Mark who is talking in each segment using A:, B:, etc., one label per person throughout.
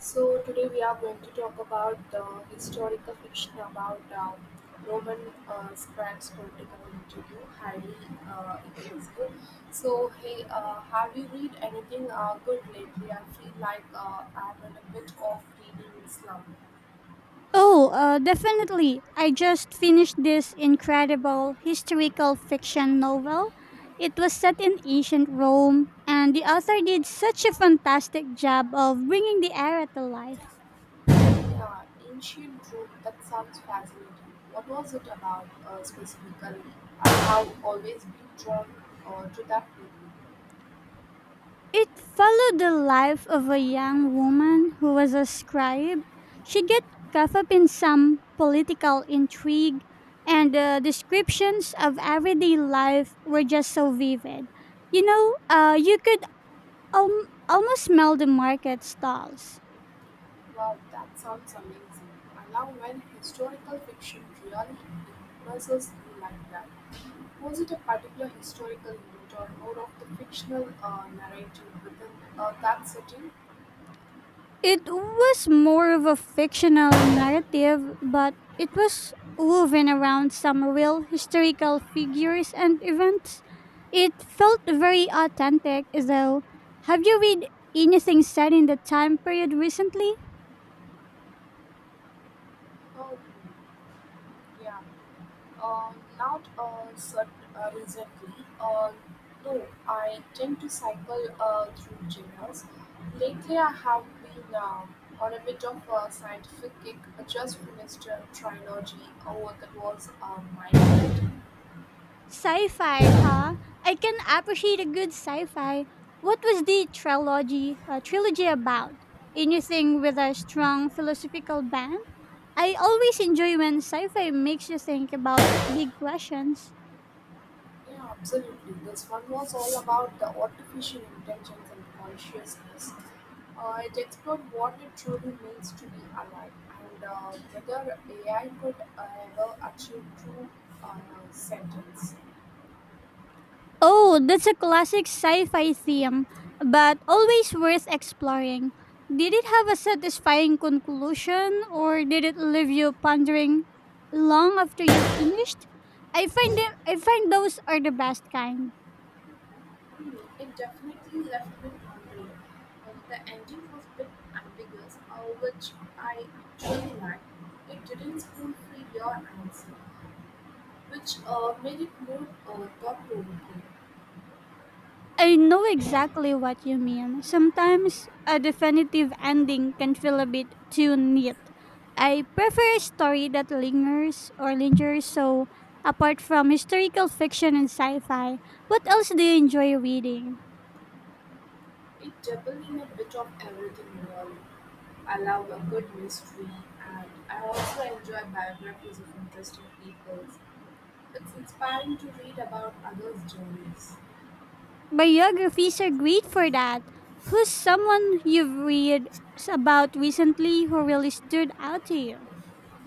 A: So today we are going to talk about the historical fiction about Roman scribes' political interview, highly impressive. So hey, have you read anything good lately? I feel like I'm in a bit of reading Islam.
B: Oh, definitely. I just finished this incredible historical fiction novel. It was set in ancient Rome, and the author did such a fantastic job of bringing the era to life.
A: Yeah, ancient Rome. That sounds fascinating. What was it about specifically? I have always been drawn to that period.
B: It followed the life of a young woman who was a scribe. She got caught up in some political intrigue, and the descriptions of everyday life were just so vivid. You could almost smell the market stalls.
A: Wow, that sounds amazing. I love when historical fiction really immerses you like that. Was it a particular historical event or more of the fictional narrative within that setting?
B: It was more of a fictional narrative, but it was woven around some real historical figures and events. It felt very authentic, though. Have you read anything set in the time period recently?
A: Oh, yeah. Not cert- Recently. Uh, no, I tend to cycle through genres. Lately, I have been on a bit of a scientific kick. I just finished a trilogy. Oh, that was mind.
B: Sci fi, huh? I can appreciate a good sci fi. What was the trilogy, trilogy about? Anything with a strong philosophical bent? I always enjoy when sci-fi makes you think about big questions.
A: Yeah, absolutely. This one was all about the artificial intelligence and consciousness. It explored what it truly means to be alive and whether AI could ever achieve true uh, sentence.
B: Oh, that's a classic sci-fi theme, but always worth exploring. Did it have a satisfying conclusion or did it leave you pondering long after you finished? I find those are the best kind.
A: Hmm, it definitely left me wondering. The ending was a bit ambiguous, which I actually liked. It didn't spoon feed your answer, which made it more thought provoking.
B: I know exactly what you mean. Sometimes a definitive ending can feel a bit too neat. I prefer a story that lingers or lingers, so apart from historical fiction and sci fi, what else do you enjoy reading?
A: It dabbled in a bit of everything really. I love a good mystery, and I also enjoy biographies of interesting people. It's inspiring to read about others' journeys.
B: Biographies are great for that. Who's someone you've read about recently who really stood out to you?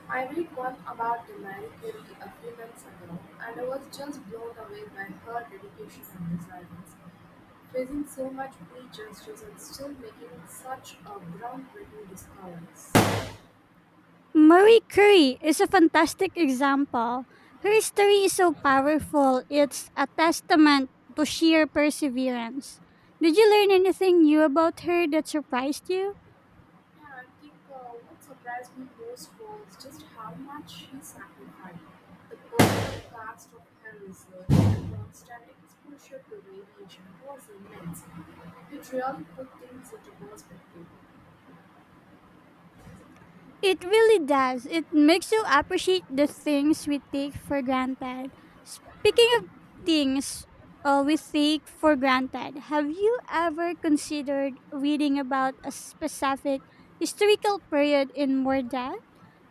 A: I read one about the Marie Curie a few months ago, and I was just blown away by her dedication and resilience, facing so much prejudice and still making such a groundbreaking discoveries.
B: Marie Curie is a fantastic example. Her story is so powerful, it's a testament to sheer perseverance. Did you learn anything new about her that surprised you?
A: Yeah, I think what surprised me most was just how much he sacrificed. The personal cost of her research and constant exposure to radiation was immense. It really put things into perspective.
B: It really does. It makes you appreciate the things we take for granted. Speaking of things we take for granted, have you ever considered reading about a specific historical period in more depth?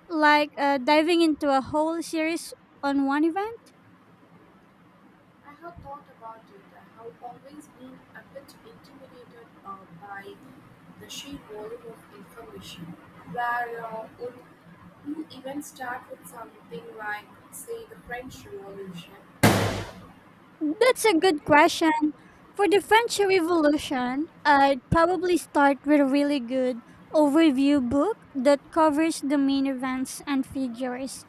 B: Like diving into a whole series on one event?
A: I have thought about it. I have always been a bit intimidated by the sheer volume of information. Where would you even start with something like, say, the French Revolution?
B: That's a good question. For the French Revolution, I'd probably start with a really good overview book that covers the main events and figures.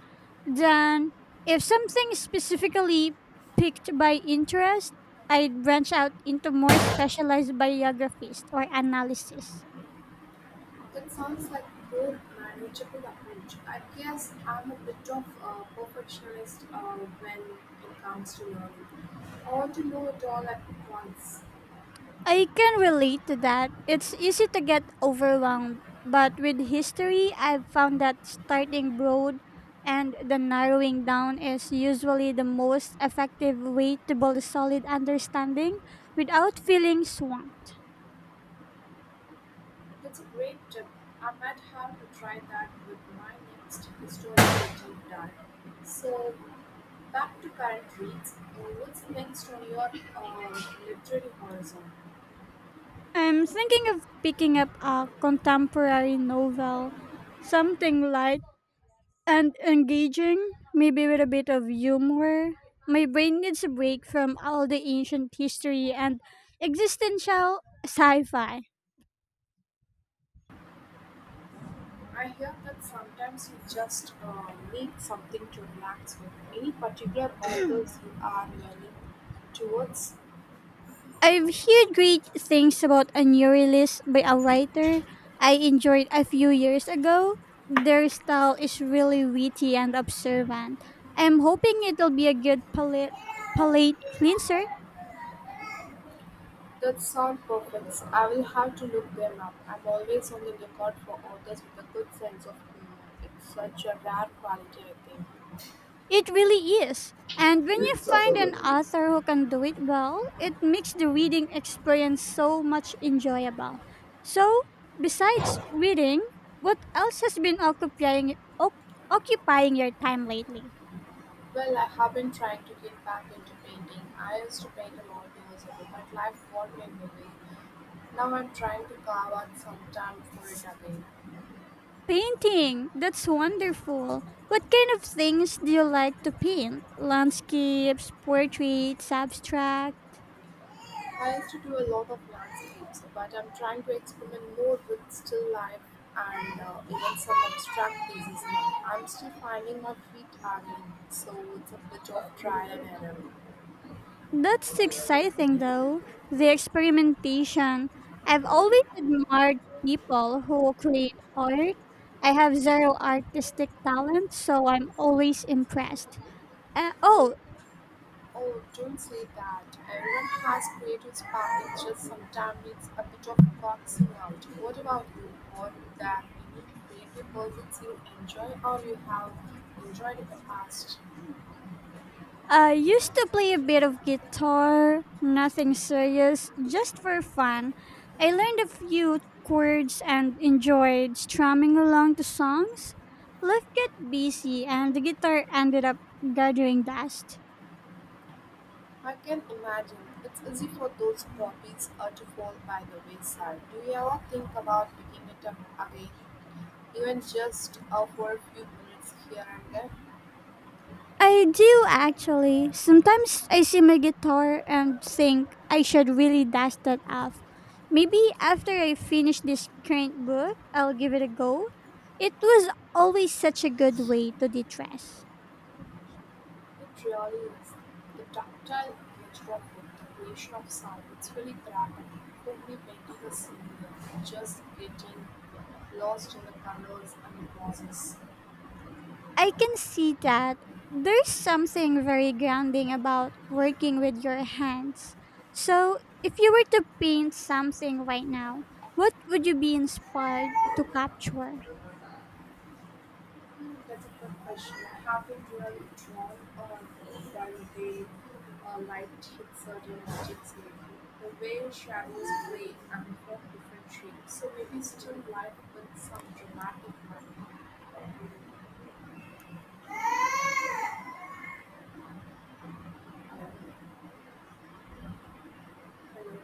B: Then, if something is specifically picked by interest, I'd branch out into more specialized biographies or analysis.
A: That sounds like a more manageable approach. I guess I'm a bit of a perfectionist when it comes to learning. I want to know it all at once.
B: I can relate to that. It's easy to get overwhelmed, but with history, I've found that starting broad and the narrowing down is usually the most effective way to build a solid understanding without feeling swamped.
A: That's a great tip. I might have to try that with my next historical deep dive. So, back to current reads. What's next on your literary horizon?
B: I'm thinking of picking up a contemporary novel, something light and engaging, maybe with a bit of humor. My brain needs a break from all the ancient history and existential sci fi.
A: I hear that sometimes you just need something to relax with. Any particular authors you are learning towards
B: I've heard great things about a new release by a writer I enjoyed a few years ago. Their style is really witty and observant. I'm hoping it'll be a good palate cleanser.
A: that sound perfect. I'll have to look them up. I'm always on the lookout for authors with a good sense of humor. It's such a rare quality, I
B: It really is. And when you find an
A: think.
B: author who can do it well, it makes the reading experience so much enjoyable. So, besides reading, what else has been occupying your time lately?
A: Well, I have been trying to get back into painting. I used to paint a lot years ago, but life got in the way. Now I'm trying to carve out some time for it again.
B: Painting. That's wonderful. What kind of things do you like to paint? Landscapes, portraits, abstract?
A: I used to do a lot of landscapes, but I'm trying to experiment more with still life and even some abstract pieces now. I'm still finding my feet again, so it's a bit of trial and error.
B: That's exciting though, the experimentation. I've always admired people who create art. I have zero artistic talent, so I'm always impressed. Uh,
A: Oh,
B: oh,
A: oh, don't say that. Everyone has creative spark, it's just sometimes it's a bit of boxing out. What about you? Are there any creative projects you enjoy or you have enjoyed in the past?
B: I used to play a bit of guitar, nothing serious, just for fun. I learned a few chords and enjoyed strumming along to songs. Life got busy, and the guitar ended up gathering dust.
A: I can imagine. It's easy for those copies to fall by the wayside. Do you ever think about picking it up again, even just for a few minutes here and there?
B: I do actually. Sometimes I see my guitar and think I should really dust that off. Maybe after I finish this current book, I'll give it a go. It was always such a good way to de-stress.
A: It really is. The tactile nature of it, the creation of sound, it's really therapeutic. For me, painting is similar, just getting lost in the colors and the process.
B: I can see that there's something very grounding about working with your hands. So, if you were to paint something right now, what would you be inspired to capture?
A: Hmm, that's a good question. Have you really drawn or done the light hit certain objects lately? The way shadows play and form different shapes. So maybe still light with some dramatic manner. Uh,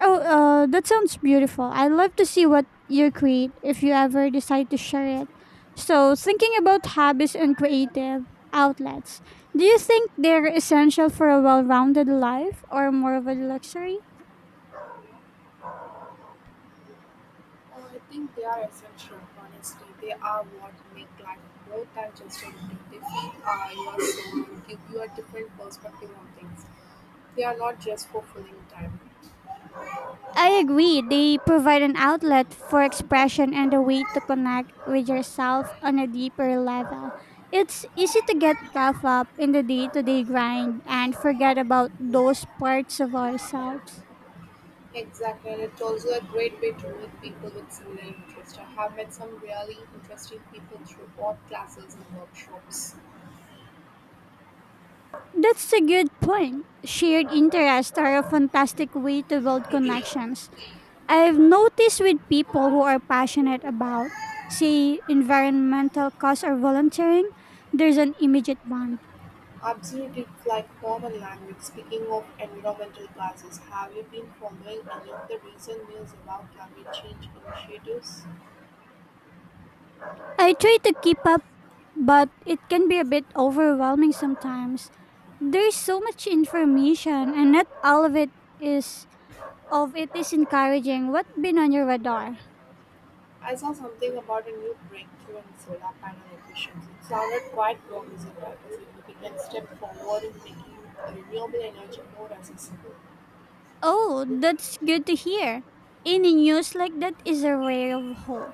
B: Oh, that sounds beautiful. I'd love to see what you create if you ever decide to share it. So, thinking about hobbies and creative outlets, do you think they're essential for a well rounded life or more of a luxury?
A: I think they are essential, honestly. They are what make life more than just a routine. They feed your soul and give you a different perspective on things. They are not just for filling time.
B: I agree. They provide an outlet for expression and a way to connect with yourself on a deeper level. It's easy to get caught up in the day to day grind and forget about those parts of ourselves.
A: Exactly, and it's also a great way to meet people with similar interests. I have met some really interesting people through art classes and workshops.
B: That's a good point. Shared interests are a fantastic way to build connections. I've noticed with people who are passionate about, say, environmental cause or volunteering, there's an immediate bond.
A: Absolutely, it's like common language. Speaking of environmental classes, have you been following any of the recent news about climate change initiatives?
B: I try to keep up, but it can be a bit overwhelming sometimes. There's so much information, and not all of it is encouraging. What's been on your radar?
A: I saw something about a new breakthrough in solar panel emissions. It sounded quite promising, like a significant step forward in making renewable energy more accessible.
B: Oh, that's good to hear. Any news like that is a ray of hope.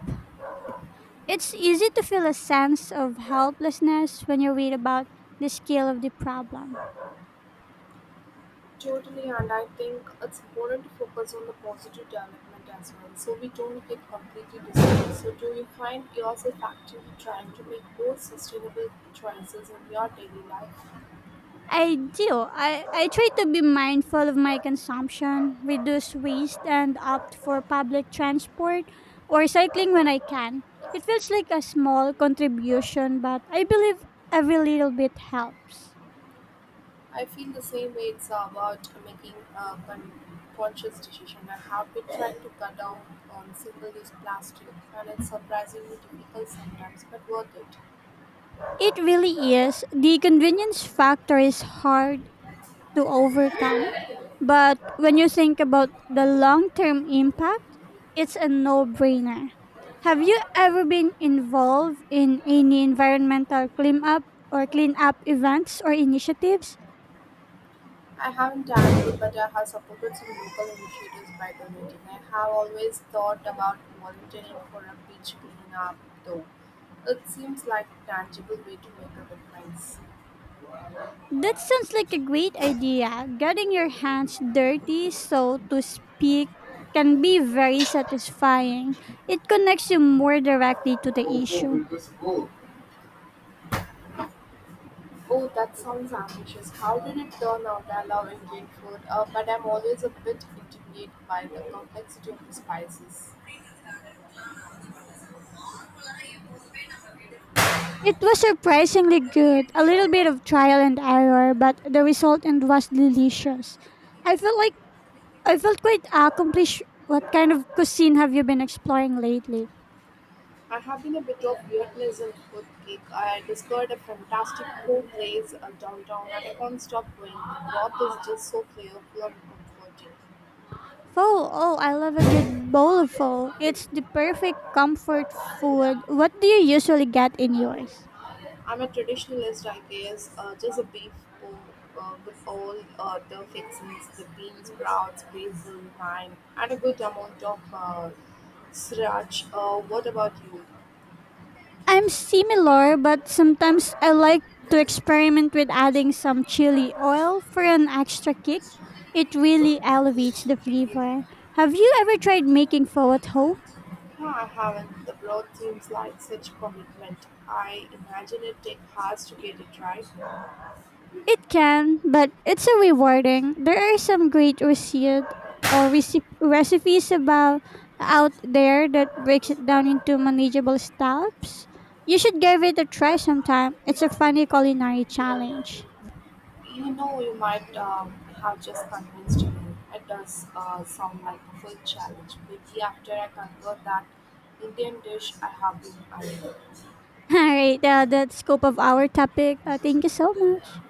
B: It's easy to feel a sense of helplessness when you read about the scale of the problem.
A: Totally, and I think it's important to focus on the positive development as well, so we don't get completely discouraged. So, do you find yourself actively trying to make more sustainable choices in your daily life?
B: I do. I try to be mindful of my consumption, reduce waste, and opt for public transport or cycling when I can. It feels like a small contribution, but I believe every little bit helps.
A: I feel the same way. It's about making a conscious decision. I have been trying to cut down on single-use plastic, and it's surprisingly difficult sometimes, but worth it.
B: It really is. The convenience factor is hard to overcome. But when you think about the long term impact, it's a no brainer. Have you ever been involved in any environmental cleanup or cleanup events or initiatives?
A: I haven't done it, but I have supported some local initiatives by donating. I have always thought about volunteering for a beach cleanup, though. It seems like a tangible way to make a difference.
B: That sounds like a great idea. Getting your hands dirty, so to speak, can be very satisfying. It connects you more directly to the
A: Oh, oh,
B: issue.
A: will this go? Oh, that sounds ambitious. How did it turn out? I love Indian food, but I'm always a bit intimidated by the complexity of the spices.
B: It was surprisingly good. A little bit of trial and error, but the result and was delicious. I felt like I felt quite accomplished. What kind of cuisine have you been exploring lately?
A: I have been a bit of Vietnamese food geek. I discovered a fantastic food place downtown and I can't stop going. The broth is just so flavorful and comforting.
B: Pho. Oh, I love a good bowl of pho. It's the perfect comfort food. What do you usually get in yours?
A: I'm a traditionalist, I guess, just a beef bowl with all the fixings, the beans, sprouts, basil, thyme, and a good amount of sriracha. What about you?
B: I'm similar, but sometimes I like to experiment with adding some chili oil for an extra kick. It really elevates the flavor. Have you ever tried making pho at home?
A: No, I haven't. The broth seems like such commitment. I imagine it takes hours to get it right.
B: It can, but it's a rewarding. There are some great recipes about out there that breaks it down into manageable steps. You should give it a try sometime. It's a funny culinary challenge.
A: You know, you might have just convinced me. It does sound like a full challenge. Maybe after I convert that Indian dish I have been eyeing.
B: All right, that scope of our topic. Thank you so much.